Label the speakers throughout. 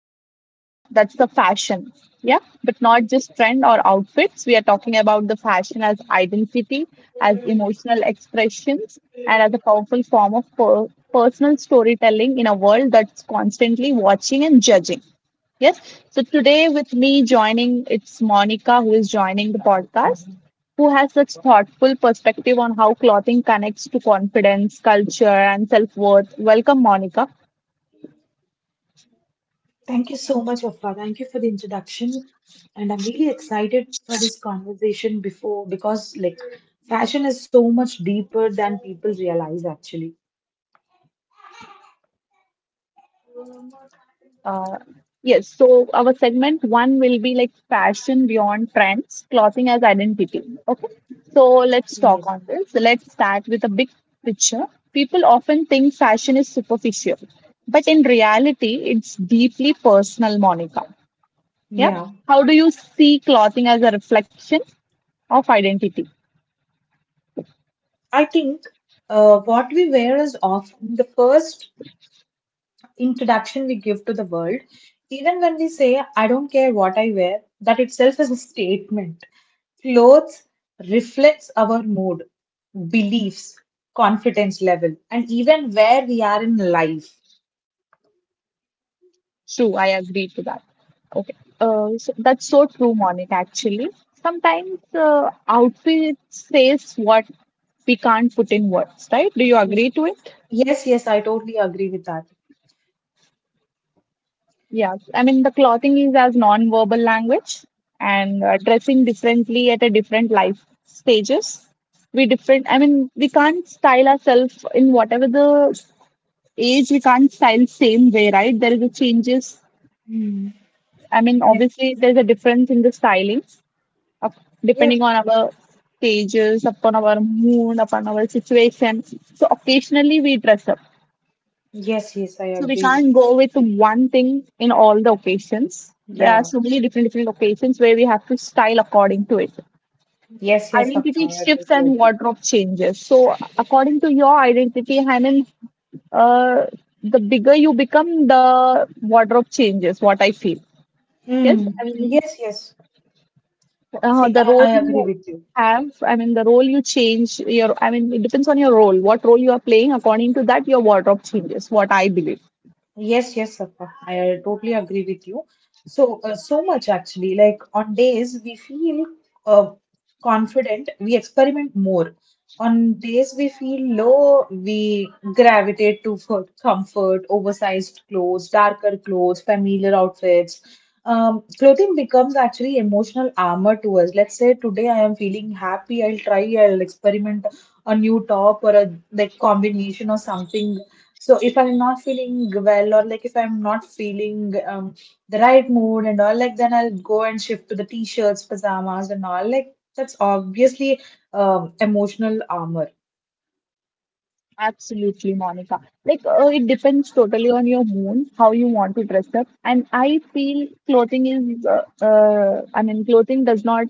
Speaker 1: single day, that's a fashion. Yeah, but not just trend or outfits. We are talking about the fashion as identity, as emotional expressions, and as a powerful form of personal storytelling in a world that's constantly watching and judging. Yes. So today with me joining it's Monica, who is joining the podcast, who has such thoughtful perspective on how clothing connects to confidence, culture and self-worth. Welcome Monica.
Speaker 2: Thank you so much, Afra. Thank you for the introduction. And I'm really excited for this conversation before because like fashion is so much deeper than people realize actually.
Speaker 1: Uh, yes, so our segment 1 will be like fashion beyond trends, clothing as identity. Okay. So let's talk
Speaker 2: Yes.
Speaker 1: on this. Let's start with a big picture. People often think fashion is superficial, but in reality it's deeply personal, Monica, yeah,
Speaker 2: Yeah.
Speaker 1: how do you see clothing as a reflection of identity?
Speaker 2: I think what we wear is often the first introduction we give to the world. Even when we say, I don't care what I wear, that itself is a statement. Clothes reflects our mood, beliefs, confidence level, and even where we are in life.
Speaker 1: True, I agree to that. Okay. So that's so true Monik. Actually sometimes outfit says what we can't put in words, right? Do you agree to it?
Speaker 2: Yes, yes, I totally agree with that.
Speaker 1: Yeah, I mean the clothing is as non-verbal language, and dressing differently at a different life stages. We different. I mean we can't style ourselves in whatever the age. We can't style same way, right? There is a changes.
Speaker 2: Hmm.
Speaker 1: I mean
Speaker 2: Yes,
Speaker 1: obviously there's a difference in the styling
Speaker 2: yes,
Speaker 1: depending on our stages, upon our mood, upon our situation. So occasionally we dress up,
Speaker 2: yes, yes, I
Speaker 1: so we
Speaker 2: agree with
Speaker 1: can't go
Speaker 2: you.
Speaker 1: with one thing in all the occasions. There are
Speaker 2: Yeah,
Speaker 1: so many different occasions where we have to style according to it.
Speaker 2: yes, yes, Afra,
Speaker 1: Identity
Speaker 2: I
Speaker 1: shifts
Speaker 2: totally
Speaker 1: and
Speaker 2: agree.
Speaker 1: wardrobe changes. So according to your identity, I mean, uh, the bigger you become, the wardrobe changes, what I feel. Yes,
Speaker 2: Mm.
Speaker 1: I mean,
Speaker 2: Yes, yes. See,
Speaker 1: the
Speaker 2: I,
Speaker 1: role
Speaker 2: I agree
Speaker 1: you
Speaker 2: with you.
Speaker 1: have, I mean, the role you change. Your, I mean, it depends on your role. What role you are playing. According to that, your wardrobe changes, what I believe.
Speaker 2: Yes, yes, Safa. I totally agree with you. So, so much actually. Like on days we feel uh, confident, we experiment more. On days we feel low, we gravitate to for comfort, oversized clothes, darker clothes, familiar outfits. Clothing becomes actually emotional armor to us. Let's say today I am feeling happy, I'll try, I'll experiment a new top or a like combination or something. So if I'm not feeling well or like if I'm not feeling the right mood and all, like then I'll go and shift to the t-shirts, pajamas and all. Like that's obviously emotional armor.
Speaker 1: Absolutely, Monica. Like, it depends totally on your mood, how you want to dress up. And I feel clothing is, I mean, clothing does not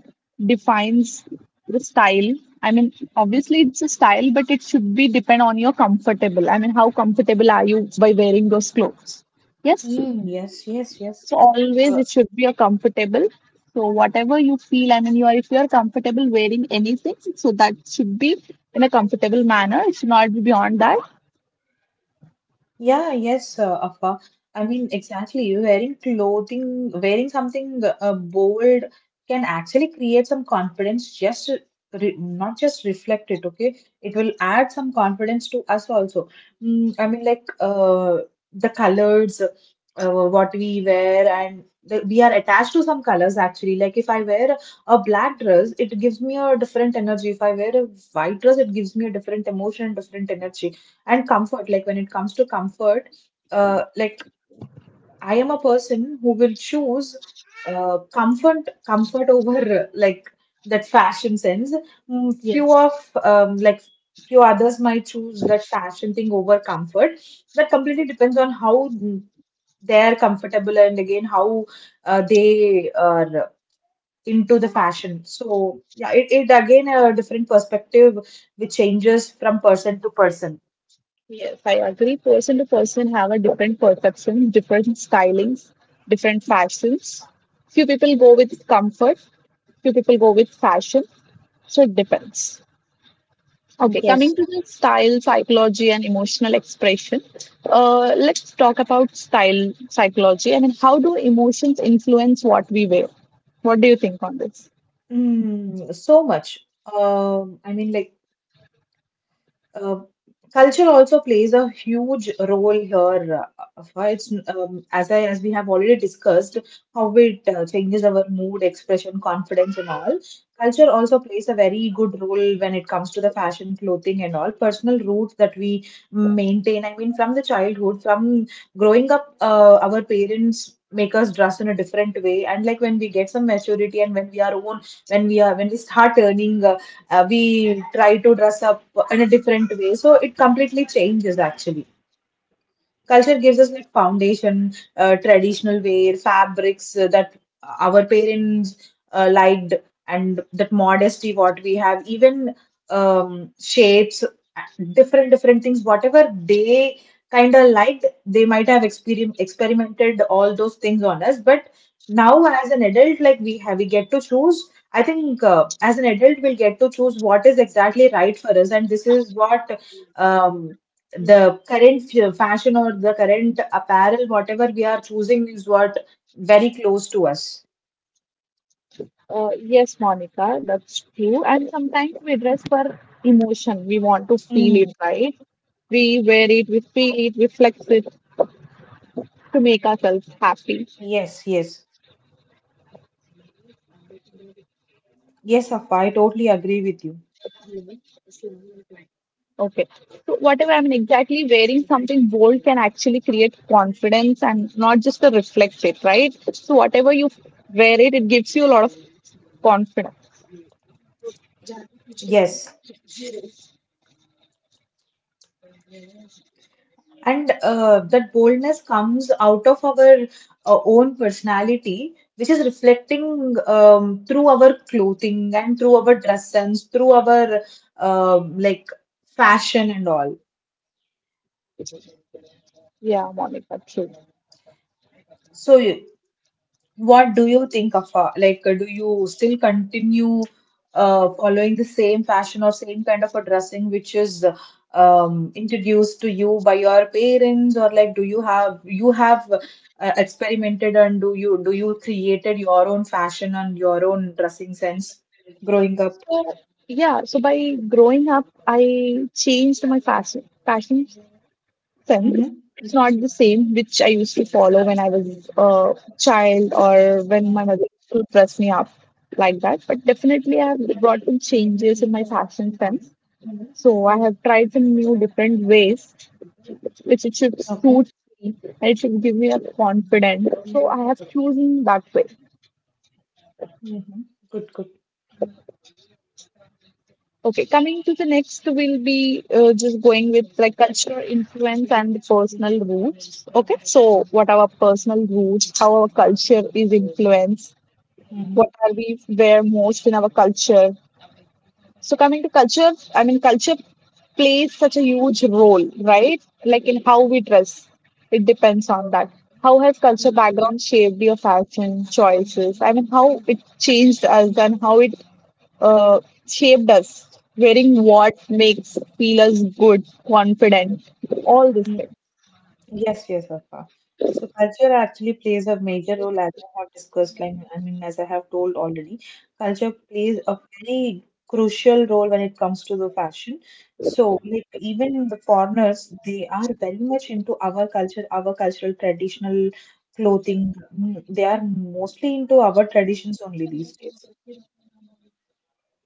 Speaker 1: defines the style. I mean, obviously it's a style, but it should be depend on your comfortable. I mean, how comfortable are you by wearing those clothes? Yes.
Speaker 2: Mm, yes, yes, yes.
Speaker 1: So always it should be a comfortable. So whatever you feel, I mean, you are if you are comfortable wearing anything, so that should be in a comfortable manner. It should not be beyond that.
Speaker 2: Yeah, yes, Afa. I mean, exactly. Wearing clothing, wearing something bold can actually create some confidence, just re not just reflect it, okay? It will add some confidence to us also. Mm, I mean, like the colors, what we wear, and the, we are attached to some colors actually. Like if I wear a black dress, it gives me a different energy. If I wear a white dress, it gives me a different emotion, different energy and comfort. Like when it comes to comfort, like I am a person who will choose comfort over like that fashion sense. Mm, few
Speaker 1: Yes,
Speaker 2: of like few others might choose that fashion thing over comfort. That completely depends on how they're comfortable, and again how they are into the fashion. So yeah, it again a different perspective which changes from person to person.
Speaker 1: yes, I agree. Person to person have a different perceptions, different stylings, different fashions. Few people go with comfort, few people go with fashion. So it depends. Okay,
Speaker 2: Yes.
Speaker 1: coming to the style, psychology, and emotional expression. Let's talk about style psychology. I mean, how do emotions influence what we wear? What do you think on this?
Speaker 2: Mm, so much. I mean, like uh, culture also plays a huge role here. Afra, it's, as I as we have already discussed, how it changes our mood, expression, confidence, and all. Culture also plays a very good role when it comes to the fashion, clothing, and all personal roots that we maintain. I mean, from the childhood, from growing up, our parents make us dress in a different way. And like when we get some maturity and when we are own, when we start earning, we try to dress up in a different way, so it completely changes actually. Culture gives us like foundation, traditional wear, fabrics that our parents liked, and that modesty what we have, even shapes, different different things, whatever they kind of liked, they might have experimented all those things on us. But now as an adult, like we get to choose. I think as an adult, we'll get to choose what is exactly right for us, and this is what. Um, the current fashion or the current apparel, whatever we are choosing, is what very close to us.
Speaker 1: Yes, Monica, that's true. And sometimes we dress for emotion. We want to feel it,
Speaker 2: Mm,
Speaker 1: right? We wear it, we feel it, we flex it to make ourselves happy.
Speaker 2: yes, yes. Yes, Safa, I totally agree with you.
Speaker 1: Okay, so whatever I mean, exactly wearing something bold can actually create confidence and not just to reflect it, right? So, whatever you wear it, it gives you a lot of confidence.
Speaker 2: Yes. And that boldness comes out of our own personality, which is reflecting through our clothing and through our dress sense, through our like fashion and all.
Speaker 1: Yeah, Monica, true.
Speaker 2: So what do you think of like do you still continue following the same fashion or same kind of a dressing which is introduced to you by your parents? Or like do you have, experimented, and do you created your own fashion and your own dressing sense growing up?
Speaker 1: so yeah so by growing up I changed my fashion sense.
Speaker 2: Mm-hmm.
Speaker 1: It's not the same which I used to follow when I was a child or when my mother used to dress me up like that, but definitely I have brought some changes in my fashion sense. So I have tried some new different ways which it should
Speaker 2: Okay.
Speaker 1: suits me and it should give me a confidence, so I have chosen that way.
Speaker 2: Mm-hmm. Good, good.
Speaker 1: Okay, coming to the next will be just going with like cultural influence and the personal roots. Okay, so what our personal roots, how our culture is influenced,
Speaker 2: Mm-hmm.
Speaker 1: what are we where most in our culture, so coming to culture, I mean culture plays such a huge role, right? Like in how we dress. It depends on that. How has culture background shaped your fashion choices? I mean how it changed us and how it uh, shaped us. Wearing what makes feel us good, confident, all these things.
Speaker 2: Yes, yes, Vafa. So culture actually plays a major role. As I have discussed, like I mean, as I have told already, culture plays a very crucial role when it comes to the fashion. So like even the foreigners, they are very much into our culture, our cultural traditional clothing. Mm, they are mostly into our traditions only these days.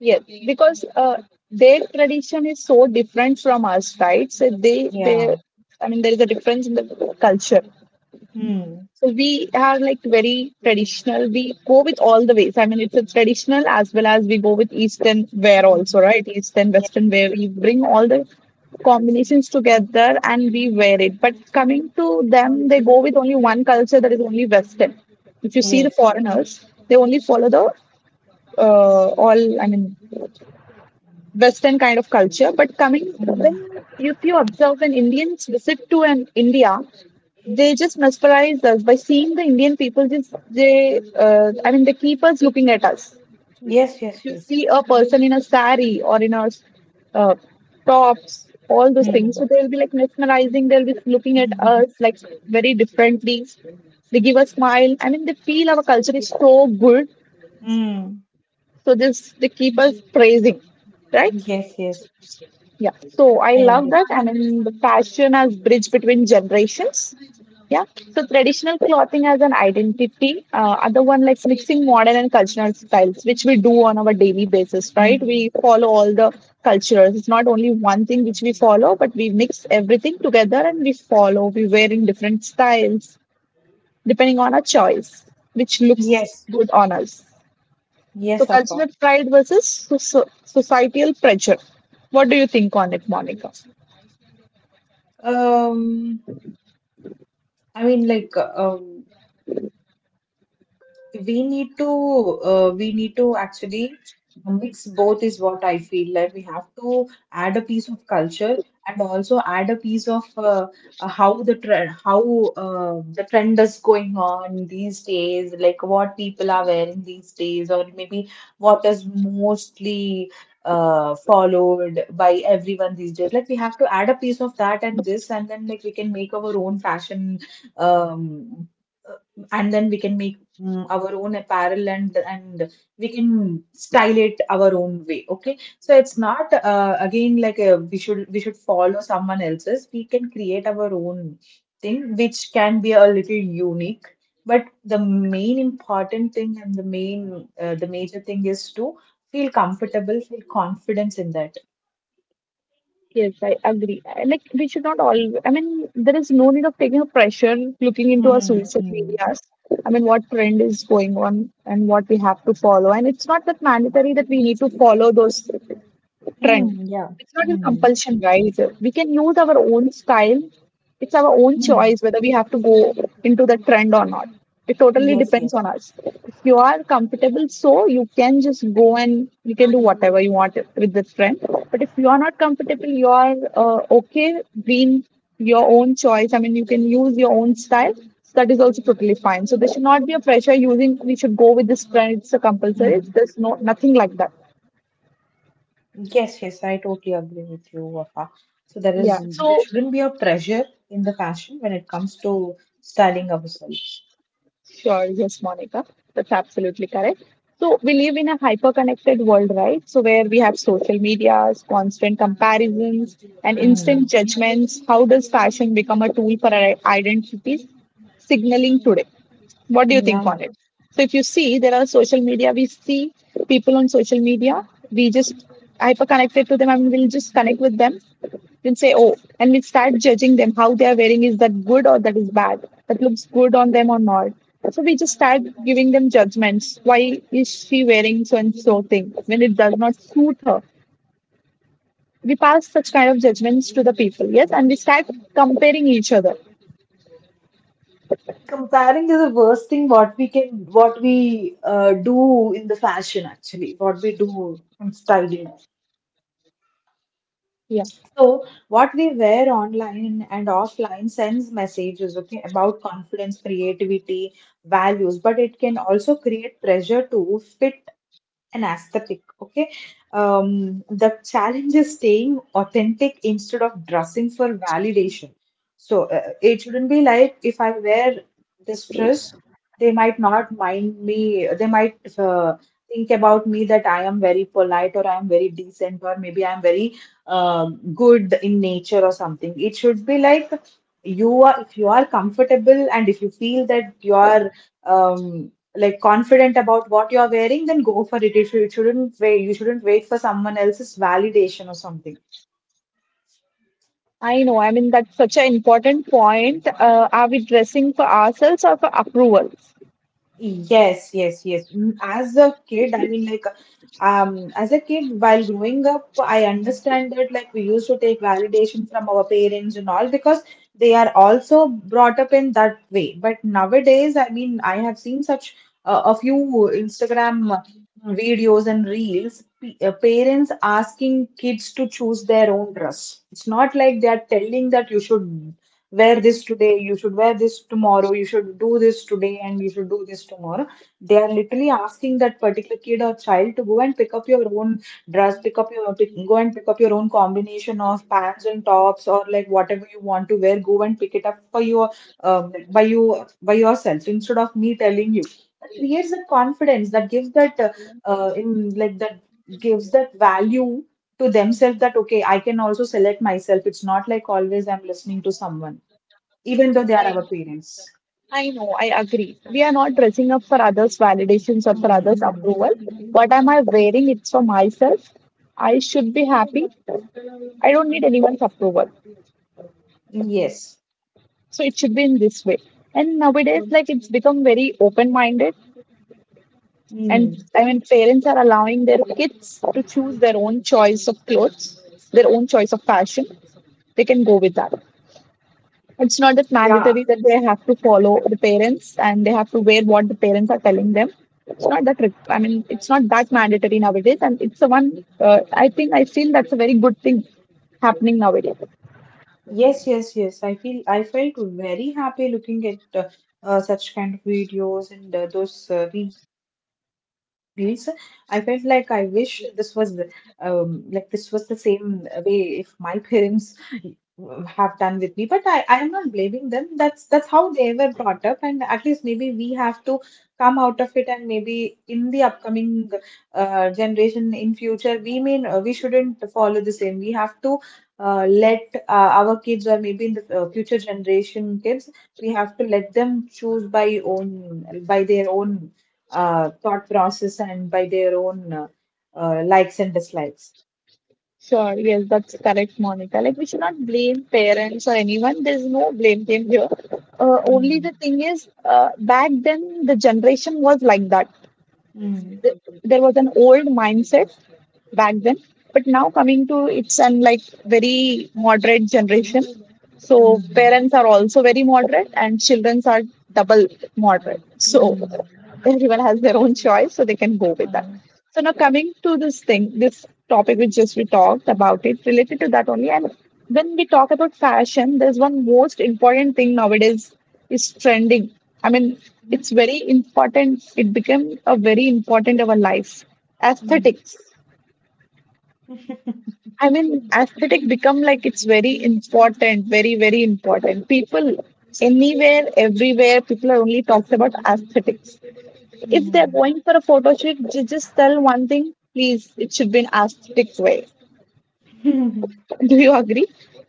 Speaker 1: Yes because their tradition is so different from us, right? so they their
Speaker 2: Yeah.
Speaker 1: i mean there is a difference in the culture.
Speaker 2: Mm.
Speaker 1: So we are like very traditional. We go with all the ways. I mean, it's a traditional as well as we go with east and wear also,
Speaker 2: Mm.
Speaker 1: right? East and
Speaker 2: Yeah.
Speaker 1: western wear. We bring all the combinations together and we wear it. But coming to them, they go with only one culture, that is only western. If you see the
Speaker 2: Yes.
Speaker 1: foreigners, they only follow the uh, all. I mean, Western kind of culture. But coming
Speaker 2: Mm.
Speaker 1: when if you observe when Indians visit to an India, they just mesmerize us by seeing the Indian people. Just they, I mean, they keep us looking at us.
Speaker 2: Yes,
Speaker 1: If
Speaker 2: yes,
Speaker 1: you
Speaker 2: yes.
Speaker 1: see a person in a sari or in a uh, tops, all those things,
Speaker 2: Mm.
Speaker 1: so they will be like mesmerizing. They'll be looking at us like very differently. They give a smile. I mean, they feel our culture is so good.
Speaker 2: Mm.
Speaker 1: So just they keep us praising, right?
Speaker 2: Yes, yes.
Speaker 1: Yeah, so I
Speaker 2: I
Speaker 1: love
Speaker 2: understand.
Speaker 1: that. And in the fashion as bridge between generations, yeah, so traditional clothing as an identity, other one like mixing modern and cultural styles which we do on our daily basis, right? We
Speaker 2: Mm.
Speaker 1: follow all the cultures. It's not only one thing which we follow, but we mix everything together and we follow, we wear in different styles depending on our choice which looks
Speaker 2: Yes,
Speaker 1: good on us. So
Speaker 2: yes,
Speaker 1: cultural
Speaker 2: Afa.
Speaker 1: pride versus societal pressure. What do you think on it, Monica?
Speaker 2: Um, I mean, like, we need to actually mix both is what I feel. Like we have to add a piece of culture and also add a piece of how the trend, how the trend is going on these days, like what people
Speaker 1: Thank
Speaker 2: are
Speaker 1: you.
Speaker 2: wearing these days, or maybe what is mostly followed by everyone these days. Like we have to add a piece of that and this, and then like we can make our own fashion. um, and then we can make, our own apparel, and we can style it our own way. Okay, so it's not, again like, we should, follow someone else's. We can create our own thing, which can be a little unique. But the main important thing, and the main the major thing is to feel comfortable, feel confidence in that.
Speaker 1: Yes, I agree. And like we should not all. I mean, there is no need of taking a pressure looking into our
Speaker 2: Mm,
Speaker 1: social
Speaker 2: mm,
Speaker 1: medias. I mean, what trend is going on and what we have to follow. And it's not that mandatory that we need to follow those trend.
Speaker 2: mm, yeah,
Speaker 1: It's not a
Speaker 2: mm,
Speaker 1: compulsion, right? We can use our own style. It's our own
Speaker 2: mm, mm,
Speaker 1: choice whether we have to go into the trend or not. It totally
Speaker 2: yes,
Speaker 1: depends
Speaker 2: yes.
Speaker 1: on us. If you are comfortable, so you can just go and you can do whatever you want with the trend. But if you are not comfortable, you are okay being your own choice, I mean you can use your own style, so that is also totally fine. So there should not be a pressure using we should go with this trend. It's a compulsory,
Speaker 2: Mm.
Speaker 1: there's no nothing like that.
Speaker 2: Yes, yes, I totally agree with you, Wafa. So there is,
Speaker 1: yeah
Speaker 2: there
Speaker 1: so
Speaker 2: shouldn't be a pressure in the fashion when it comes to styling ourselves.
Speaker 1: Sure, yes, Monica, that's absolutely correct. So, we live in a hyper connected world, right? So, where we have social medias, constant comparisons, and instant
Speaker 2: Mm.
Speaker 1: judgments. How does fashion become a tool for our identities signaling today? What do you think on
Speaker 2: Yeah,
Speaker 1: it? So if you see there are social media, we see people on social media, we just hyper connected to them. I mean, we'll just connect with them, we'll say oh, and we start judging them how they are wearing, is that good or that is bad, that looks good on them or not. So we just start giving them judgments, why is she wearing so and so thing when it does not suit her. We pass such kind of judgments to the people, yes, and we start comparing each other.
Speaker 2: comparing is the worst thing, what we can, what we do in the fashion, actually what we do in styling.
Speaker 1: Yeah,
Speaker 2: So what we wear online and offline sends messages, okay, about confidence, creativity, values, but it can also create pressure to fit an aesthetic, okay? um, the challenge is staying authentic instead of dressing for validation. So it shouldn't be like, if I wear this dress, they might not mind me, they might uh, think about me that I am very polite, or I am very decent, or maybe I am very uh, good in nature, or something. It should be like, you are if you are comfortable and if you feel that you are um, like confident about what you're wearing, then go for it. You should, you shouldn't wait. You shouldn't wait for someone else's validation or something.
Speaker 1: I know, I mean, that's such an important point. Are we dressing for ourselves or for approvals?
Speaker 2: Yes, yes,
Speaker 1: चलो
Speaker 2: yes. Mm, as a kid, I mean, like. As a kid, while growing up, I understand that like we used to take validation from our parents and all, because they are also brought up in that way. But nowadays, I mean, I have seen such a few Instagram videos and reels, parents asking kids to choose their own dress. It's not like they are telling that you should wear this today, you should wear this tomorrow, you should do this today, and you should do this tomorrow. They are literally asking that particular kid or child to go and pick up your own dress, pick up your pick, go and pick up your own combination of pants and tops, or like whatever you want to wear. Go and pick it up for your, by you, by yourself instead of me telling you. That creates that confidence, that gives that in like that gives that value to themselves that okay, I can also select myself. It's not like always I'm listening to someone, even though they are
Speaker 1: I
Speaker 2: our parents.
Speaker 1: I know, I agree. We are not dressing up for others' validations or for
Speaker 2: Mm,
Speaker 1: others'
Speaker 2: mm.
Speaker 1: approval. What am I wearing? It's for myself. I should be happy. I don't need anyone's approval.
Speaker 2: Yes.
Speaker 1: So it should be in this way. And nowadays like it's become very open minded, and
Speaker 2: Mm.
Speaker 1: I mean parents are allowing their kids to choose their own choice of clothes, their own choice of fashion, they can go with that. It's not that
Speaker 2: Yeah,
Speaker 1: mandatory that they have to follow the parents and they have to wear what the parents are telling them. It's not that, I mean it's not that mandatory nowadays, and it's a one, uh, I think I feel that's a very good thing happening nowadays.
Speaker 2: yes, yes, yes. I feel, I felt very happy looking at such kind of videos, and those reels. I felt like I wish this was like this was the same way if my parents have done with me. But I am not blaming them. That's how they were brought up, and at least maybe we have to come out of it, and maybe in the upcoming generation in future, we mean we shouldn't follow the same. We have to let our kids, or maybe in the future generation kids, we have to let them choose by own, by their own thought process, and by their own likes and dislikes.
Speaker 1: Sure, yes, that's correct, Monica. Like, we should not blame parents or anyone. There's no blame game here. Only the
Speaker 2: Mm.
Speaker 1: thing is, back then the generation was like that.
Speaker 2: Mm.
Speaker 1: Th- There was an old mindset back then, but now coming to it's an like very moderate generation. So
Speaker 2: Mm.
Speaker 1: parents are also very moderate, and childrens are double moderate. So
Speaker 2: Mm.
Speaker 1: everyone has their own choice, so they can go with that.
Speaker 2: Uh,
Speaker 1: So now coming to this thing, this topic which just we talked about it related to that only. And when we talk about fashion, there's one most important thing nowadays is trending. i mean it's very important. It became a very important of our life.
Speaker 2: mhm.
Speaker 1: Aesthetics. i mean Aesthetic become like it's very important, very important. People anywhere, everywhere, people are only talks about aesthetics. If they're
Speaker 2: Mm,
Speaker 1: going for a photo shoot, just tell one thing, please, it should be an aesthetic way.
Speaker 2: mm.
Speaker 1: Do you agree?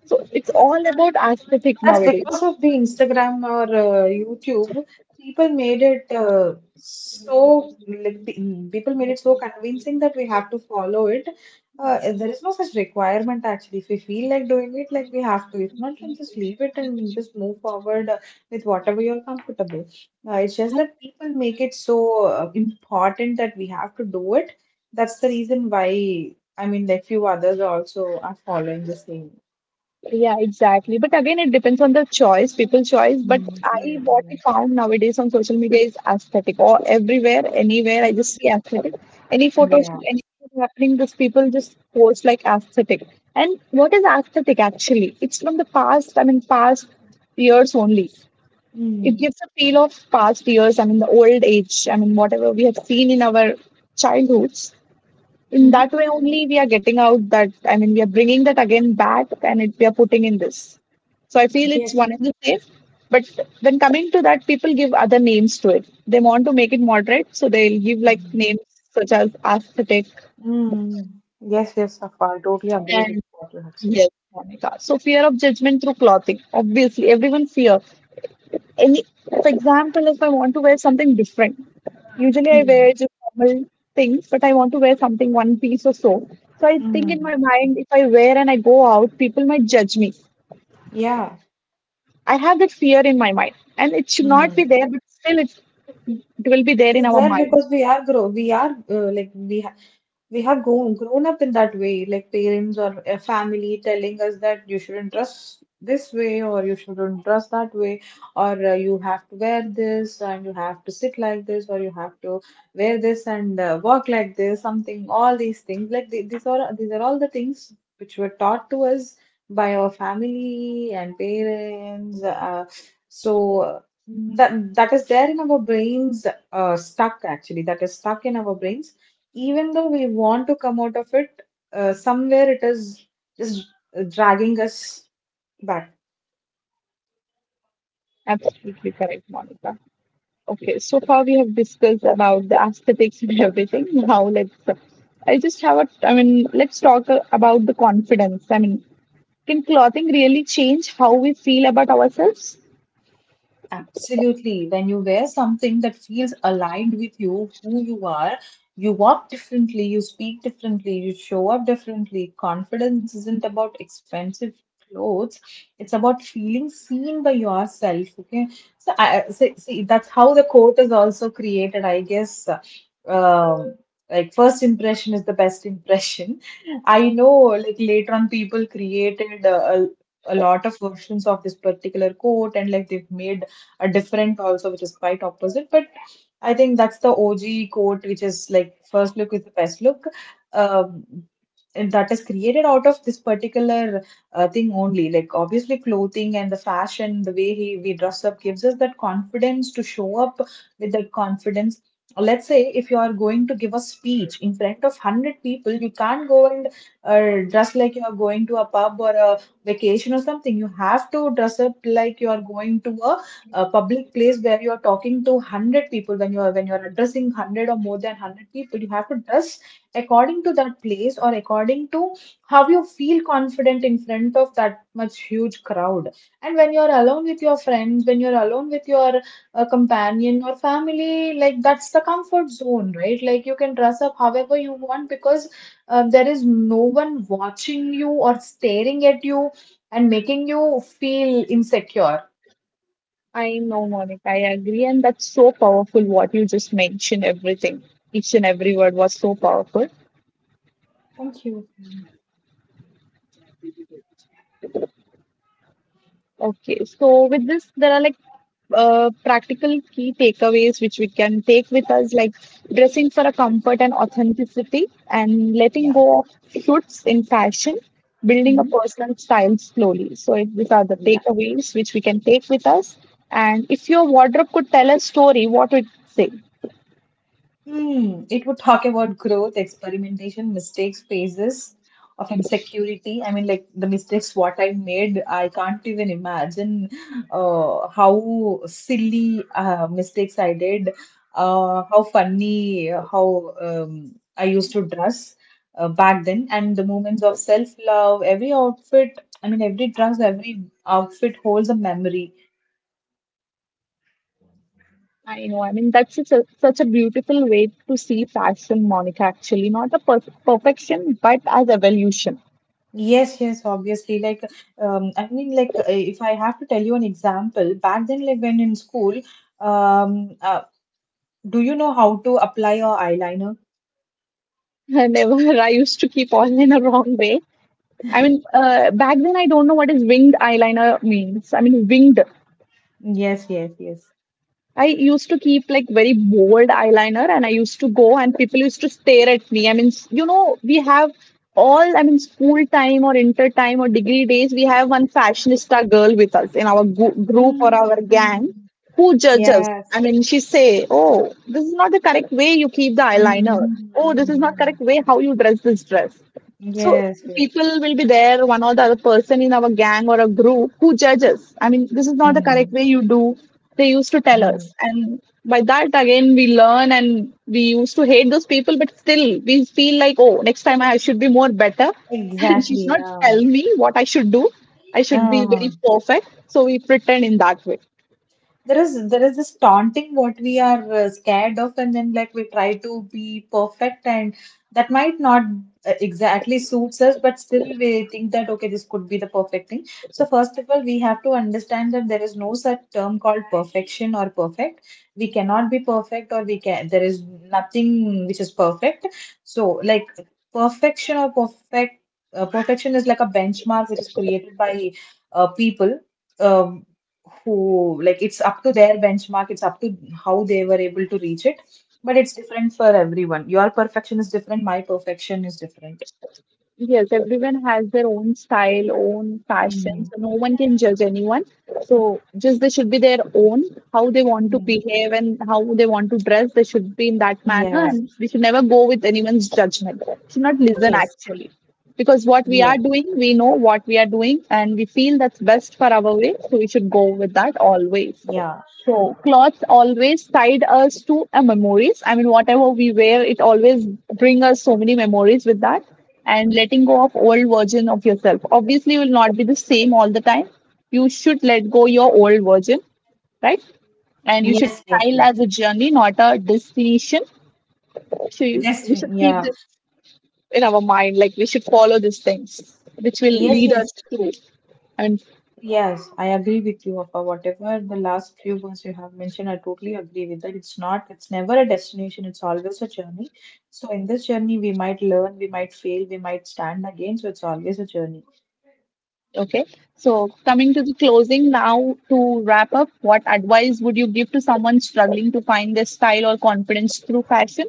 Speaker 1: So it's all about aesthetic
Speaker 2: That's
Speaker 1: nowadays.
Speaker 2: because of the Instagram or YouTube. People made it so like people made it so convincing that we have to follow it. There is no such requirement actually. If we feel like doing it, like we have to. If not, then just leave it and just move forward with whatever you're comfortable. It's just that people make it
Speaker 1: I
Speaker 2: so important that we have to do it. That's the reason why few others also are following the same.
Speaker 1: yeah, exactly, but again it depends on the choice, people's choice. But
Speaker 2: Mm, mm,
Speaker 1: i, what I
Speaker 2: mm.
Speaker 1: found nowadays on social media is aesthetic, or everywhere, anywhere I just see aesthetic. Any photo
Speaker 2: Yeah.
Speaker 1: shoot, anything is happening, this people just post like aesthetic. And what is aesthetic actually? It's from the past, past years only. It
Speaker 2: Mm.
Speaker 1: gives a feel of past years, the old age, whatever we have seen in our childhoods, in
Speaker 2: Hmm.
Speaker 1: that way only we are getting out that, we are bringing that again back and it we are putting in this. So I feel it's
Speaker 2: Yes.
Speaker 1: one and the same. But when coming to that, people give other names to it. They want to make it moderate, so they'll give like
Speaker 2: Mm.
Speaker 1: names such as aesthetic.
Speaker 2: Mm. Yes, yes, Safa, I totally agree
Speaker 1: And
Speaker 2: with what you have said.
Speaker 1: yes, Monica, so fear of judgment through clothing, obviously everyone fear any. For example, if I want to wear something different, usually I wear
Speaker 2: Mm.
Speaker 1: just normal things, but I want to wear something one piece or so. So I think in
Speaker 2: Mm.
Speaker 1: my mind, if I wear and I go out, people might judge me.
Speaker 2: Yeah.
Speaker 1: I have that fear in my mind, and it should not be
Speaker 2: Mm.
Speaker 1: there, but still it will be there
Speaker 2: It
Speaker 1: in
Speaker 2: is
Speaker 1: our
Speaker 2: there because
Speaker 1: minds.
Speaker 2: we are like we have grown up in that way, like parents or a family telling us that you shouldn't dress this way or you shouldn't dress that way, or you have to wear this and you have to sit like this or you have to wear this and walk like this, something. All these things, like these are all the things which were taught to us by our family and parents. So. uh, that is there in our brains, stuck actually. That is stuck in our brains even though we want to come out of it, somewhere it is just dragging us back.
Speaker 1: Absolutely correct, Monica. Okay, so far we have discussed about the aesthetics and everything. Now let's, I just have a, I mean, let's talk about the confidence. I mean, can clothing really change how we feel about ourselves?
Speaker 2: Absolutely. When you wear something that feels aligned with you, who you are, you walk differently, you speak differently, you show up differently. Confidence isn't about expensive clothes, it's about feeling seen by yourself. Okay. So, see, that's how the quote is also created, I guess. Um, like, first impression is the best impression. I know, like, later on, people created a lot of versions of this particular quote, and like they've made a different also, which is quite opposite. But I think that's the OG quote, which is like first look is the best look. Um, and that is created out of this particular thing only. Like obviously, clothing and the fashion, the way we dress up, gives us that confidence to show up with that confidence. Let's say if you are going to give a speech in front of 100 people, you can't go and dress like you are going to a pub or a vacation or something. You have to dress up like you are going to a public place where you are talking to 100 people. When you are addressing 100 or more than 100 people, you have to dress according to that place or according to how you feel confident in front of that much huge crowd. And when you are alone with your friends, when you are alone with your companion or family, like that's the comfort zone, right? Like you can dress up however you want because there is no one
Speaker 1: Thank
Speaker 2: watching
Speaker 1: you.
Speaker 2: you or staring at you and making you feel insecure.
Speaker 1: I know, Monica. I agree, and that's so powerful what you just mentioned. Everything, each and every word was so powerful.
Speaker 2: Thank you.
Speaker 1: Okay, so with this, there are like practical key takeaways which we can take with us, like dressing for a comfort and authenticity, and letting
Speaker 2: Yeah.
Speaker 1: go of shoots in fashion, building a
Speaker 2: Mhm.
Speaker 1: personal style slowly. So it, these are the
Speaker 2: Yeah.
Speaker 1: takeaways which we can take with us. And if your wardrobe could tell a story, what would it say?
Speaker 2: Hmm. It would talk about growth, experimentation, mistakes, phases of insecurity. I mean, like the mistakes what I made, I can't even imagine how silly mistakes I did, how funny, how I used to dress back then, and the moments of self-love. Every outfit, I mean, every dress, every outfit holds a memory.
Speaker 1: I know. I mean, that's such a, such a beautiful way to see fashion, Monica. Actually, not a perfection, but as evolution.
Speaker 2: Yes, yes, obviously. Like, I mean, like, if I have to tell you an example, back then, like, when in school, um, uh, do you know how to apply your eyeliner?
Speaker 1: Never. I used to keep all in a wrong way. I mean, back then I don't know what is winged eyeliner means. I mean, winged
Speaker 2: Yes, yes, yes.
Speaker 1: I used to keep like very bold eyeliner, and I used to go and people used to stare at me. I mean, you know, we have all, I mean, school time or inter time or degree days, we have one fashionista girl with us in our group or
Speaker 2: Mm.
Speaker 1: our gang who judges.
Speaker 2: Yes.
Speaker 1: I mean, she say, oh, this is not the correct way you keep the
Speaker 2: Mm,
Speaker 1: eyeliner.
Speaker 2: mm,
Speaker 1: Oh, this is not
Speaker 2: mm.
Speaker 1: correct way how you dress this dress. So
Speaker 2: Yes,
Speaker 1: the
Speaker 2: yes.
Speaker 1: people will be there, one or the other person in our gang or a group who judges. I mean, this is not the correct
Speaker 2: Mm,
Speaker 1: way you do. They used to tell us,
Speaker 2: mm.
Speaker 1: and by that again we learn, and we used to hate those people. But still, we feel like oh, next time I should be more better, and she should
Speaker 2: Exactly.
Speaker 1: not
Speaker 2: Yeah.
Speaker 1: tell me what I should do. I should be very
Speaker 2: Uh-huh.
Speaker 1: perfect. So we pretend in that way.
Speaker 2: There is this taunting what we are scared of, and then like we try to be perfect, and that might not exactly suits us, but still we think that okay, this could be the perfect thing. So first of all, we have to understand that there is no such term called perfection or perfect. We cannot be perfect, or we can, there is nothing which is perfect. So like, perfection or perfect, perfection is like a benchmark which is created by people. Um, who like, it's up to their benchmark, it's up to how they were able to reach it, but it's different for everyone. Your perfection is different, my perfection is different.
Speaker 1: Yes, everyone has their own style, own fashion,
Speaker 2: Mm,
Speaker 1: so no one can judge anyone. So just they should be their own. How they want to
Speaker 2: mm.
Speaker 1: behave and how they want to dress, they should be in that manner, and
Speaker 2: Yes,
Speaker 1: we should never go with anyone's judgment. We should not listen
Speaker 2: yes,
Speaker 1: actually, because what we are
Speaker 2: yes.
Speaker 1: doing, we know what we are doing, and we feel that's best for our way, so we should go with that always.
Speaker 2: Yeah.
Speaker 1: So clothes always tied us to a memories. I mean, whatever we wear, it always bring us so many memories with that. And letting go of old version of yourself obviously will not be the same all the time. You should let go your old version, right? And you should
Speaker 2: Yes, yes,
Speaker 1: style
Speaker 2: yes.
Speaker 1: as a journey, not a destination. So you,
Speaker 2: Just
Speaker 1: we should keep
Speaker 2: yeah.
Speaker 1: this in our mind. Like we should follow these things, which will
Speaker 2: Yes,
Speaker 1: lead
Speaker 2: yes,
Speaker 1: us to. I mean,
Speaker 2: yes, I agree with you, Afa. Whatever the last few words you have mentioned, I totally agree with that. It's not, it's never a destination, it's always a journey. So in this journey we might learn, we might fail, we might stand again. So it's always a journey.
Speaker 1: okay, so coming to the closing now, to wrap up, what advice would you give to someone struggling to find their style or confidence through fashion?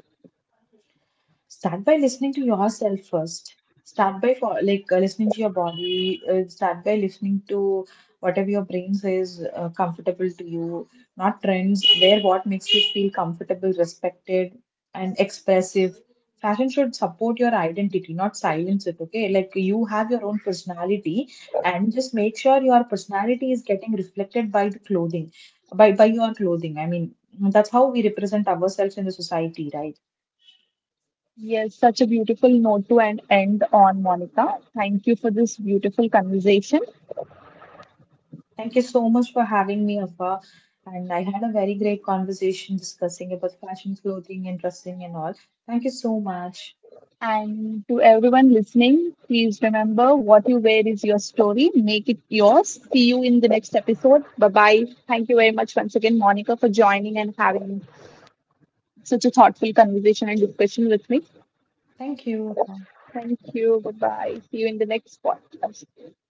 Speaker 2: Start by listening to yourself first. Start like listening to your body. Start by listening to whatever your brain says comfortable to you. Not trends. Wear what makes you feel comfortable, respected, and expressive. Fashion should support your identity, not silence it. Okay, like you have your own personality, and just make sure your personality is getting reflected by the clothing, by your clothing. I mean, that's how we represent ourselves in the society, right?
Speaker 1: Yes, such a beautiful note to end, end on, Monica. Thank you for this beautiful conversation.
Speaker 2: Thank you so much for having me, Afa. And I had a very great conversation discussing about fashion, clothing, and dressing and all. Thank you so much.
Speaker 1: And to everyone listening, please remember what you wear is your story. Make it yours. See you in the next episode. Bye bye. Thank you very much once again, Monica, for joining and having such a thoughtful conversation and discussion with me.
Speaker 2: Thank you, Afa.
Speaker 1: Thank you. Bye bye. See you in the next podcast.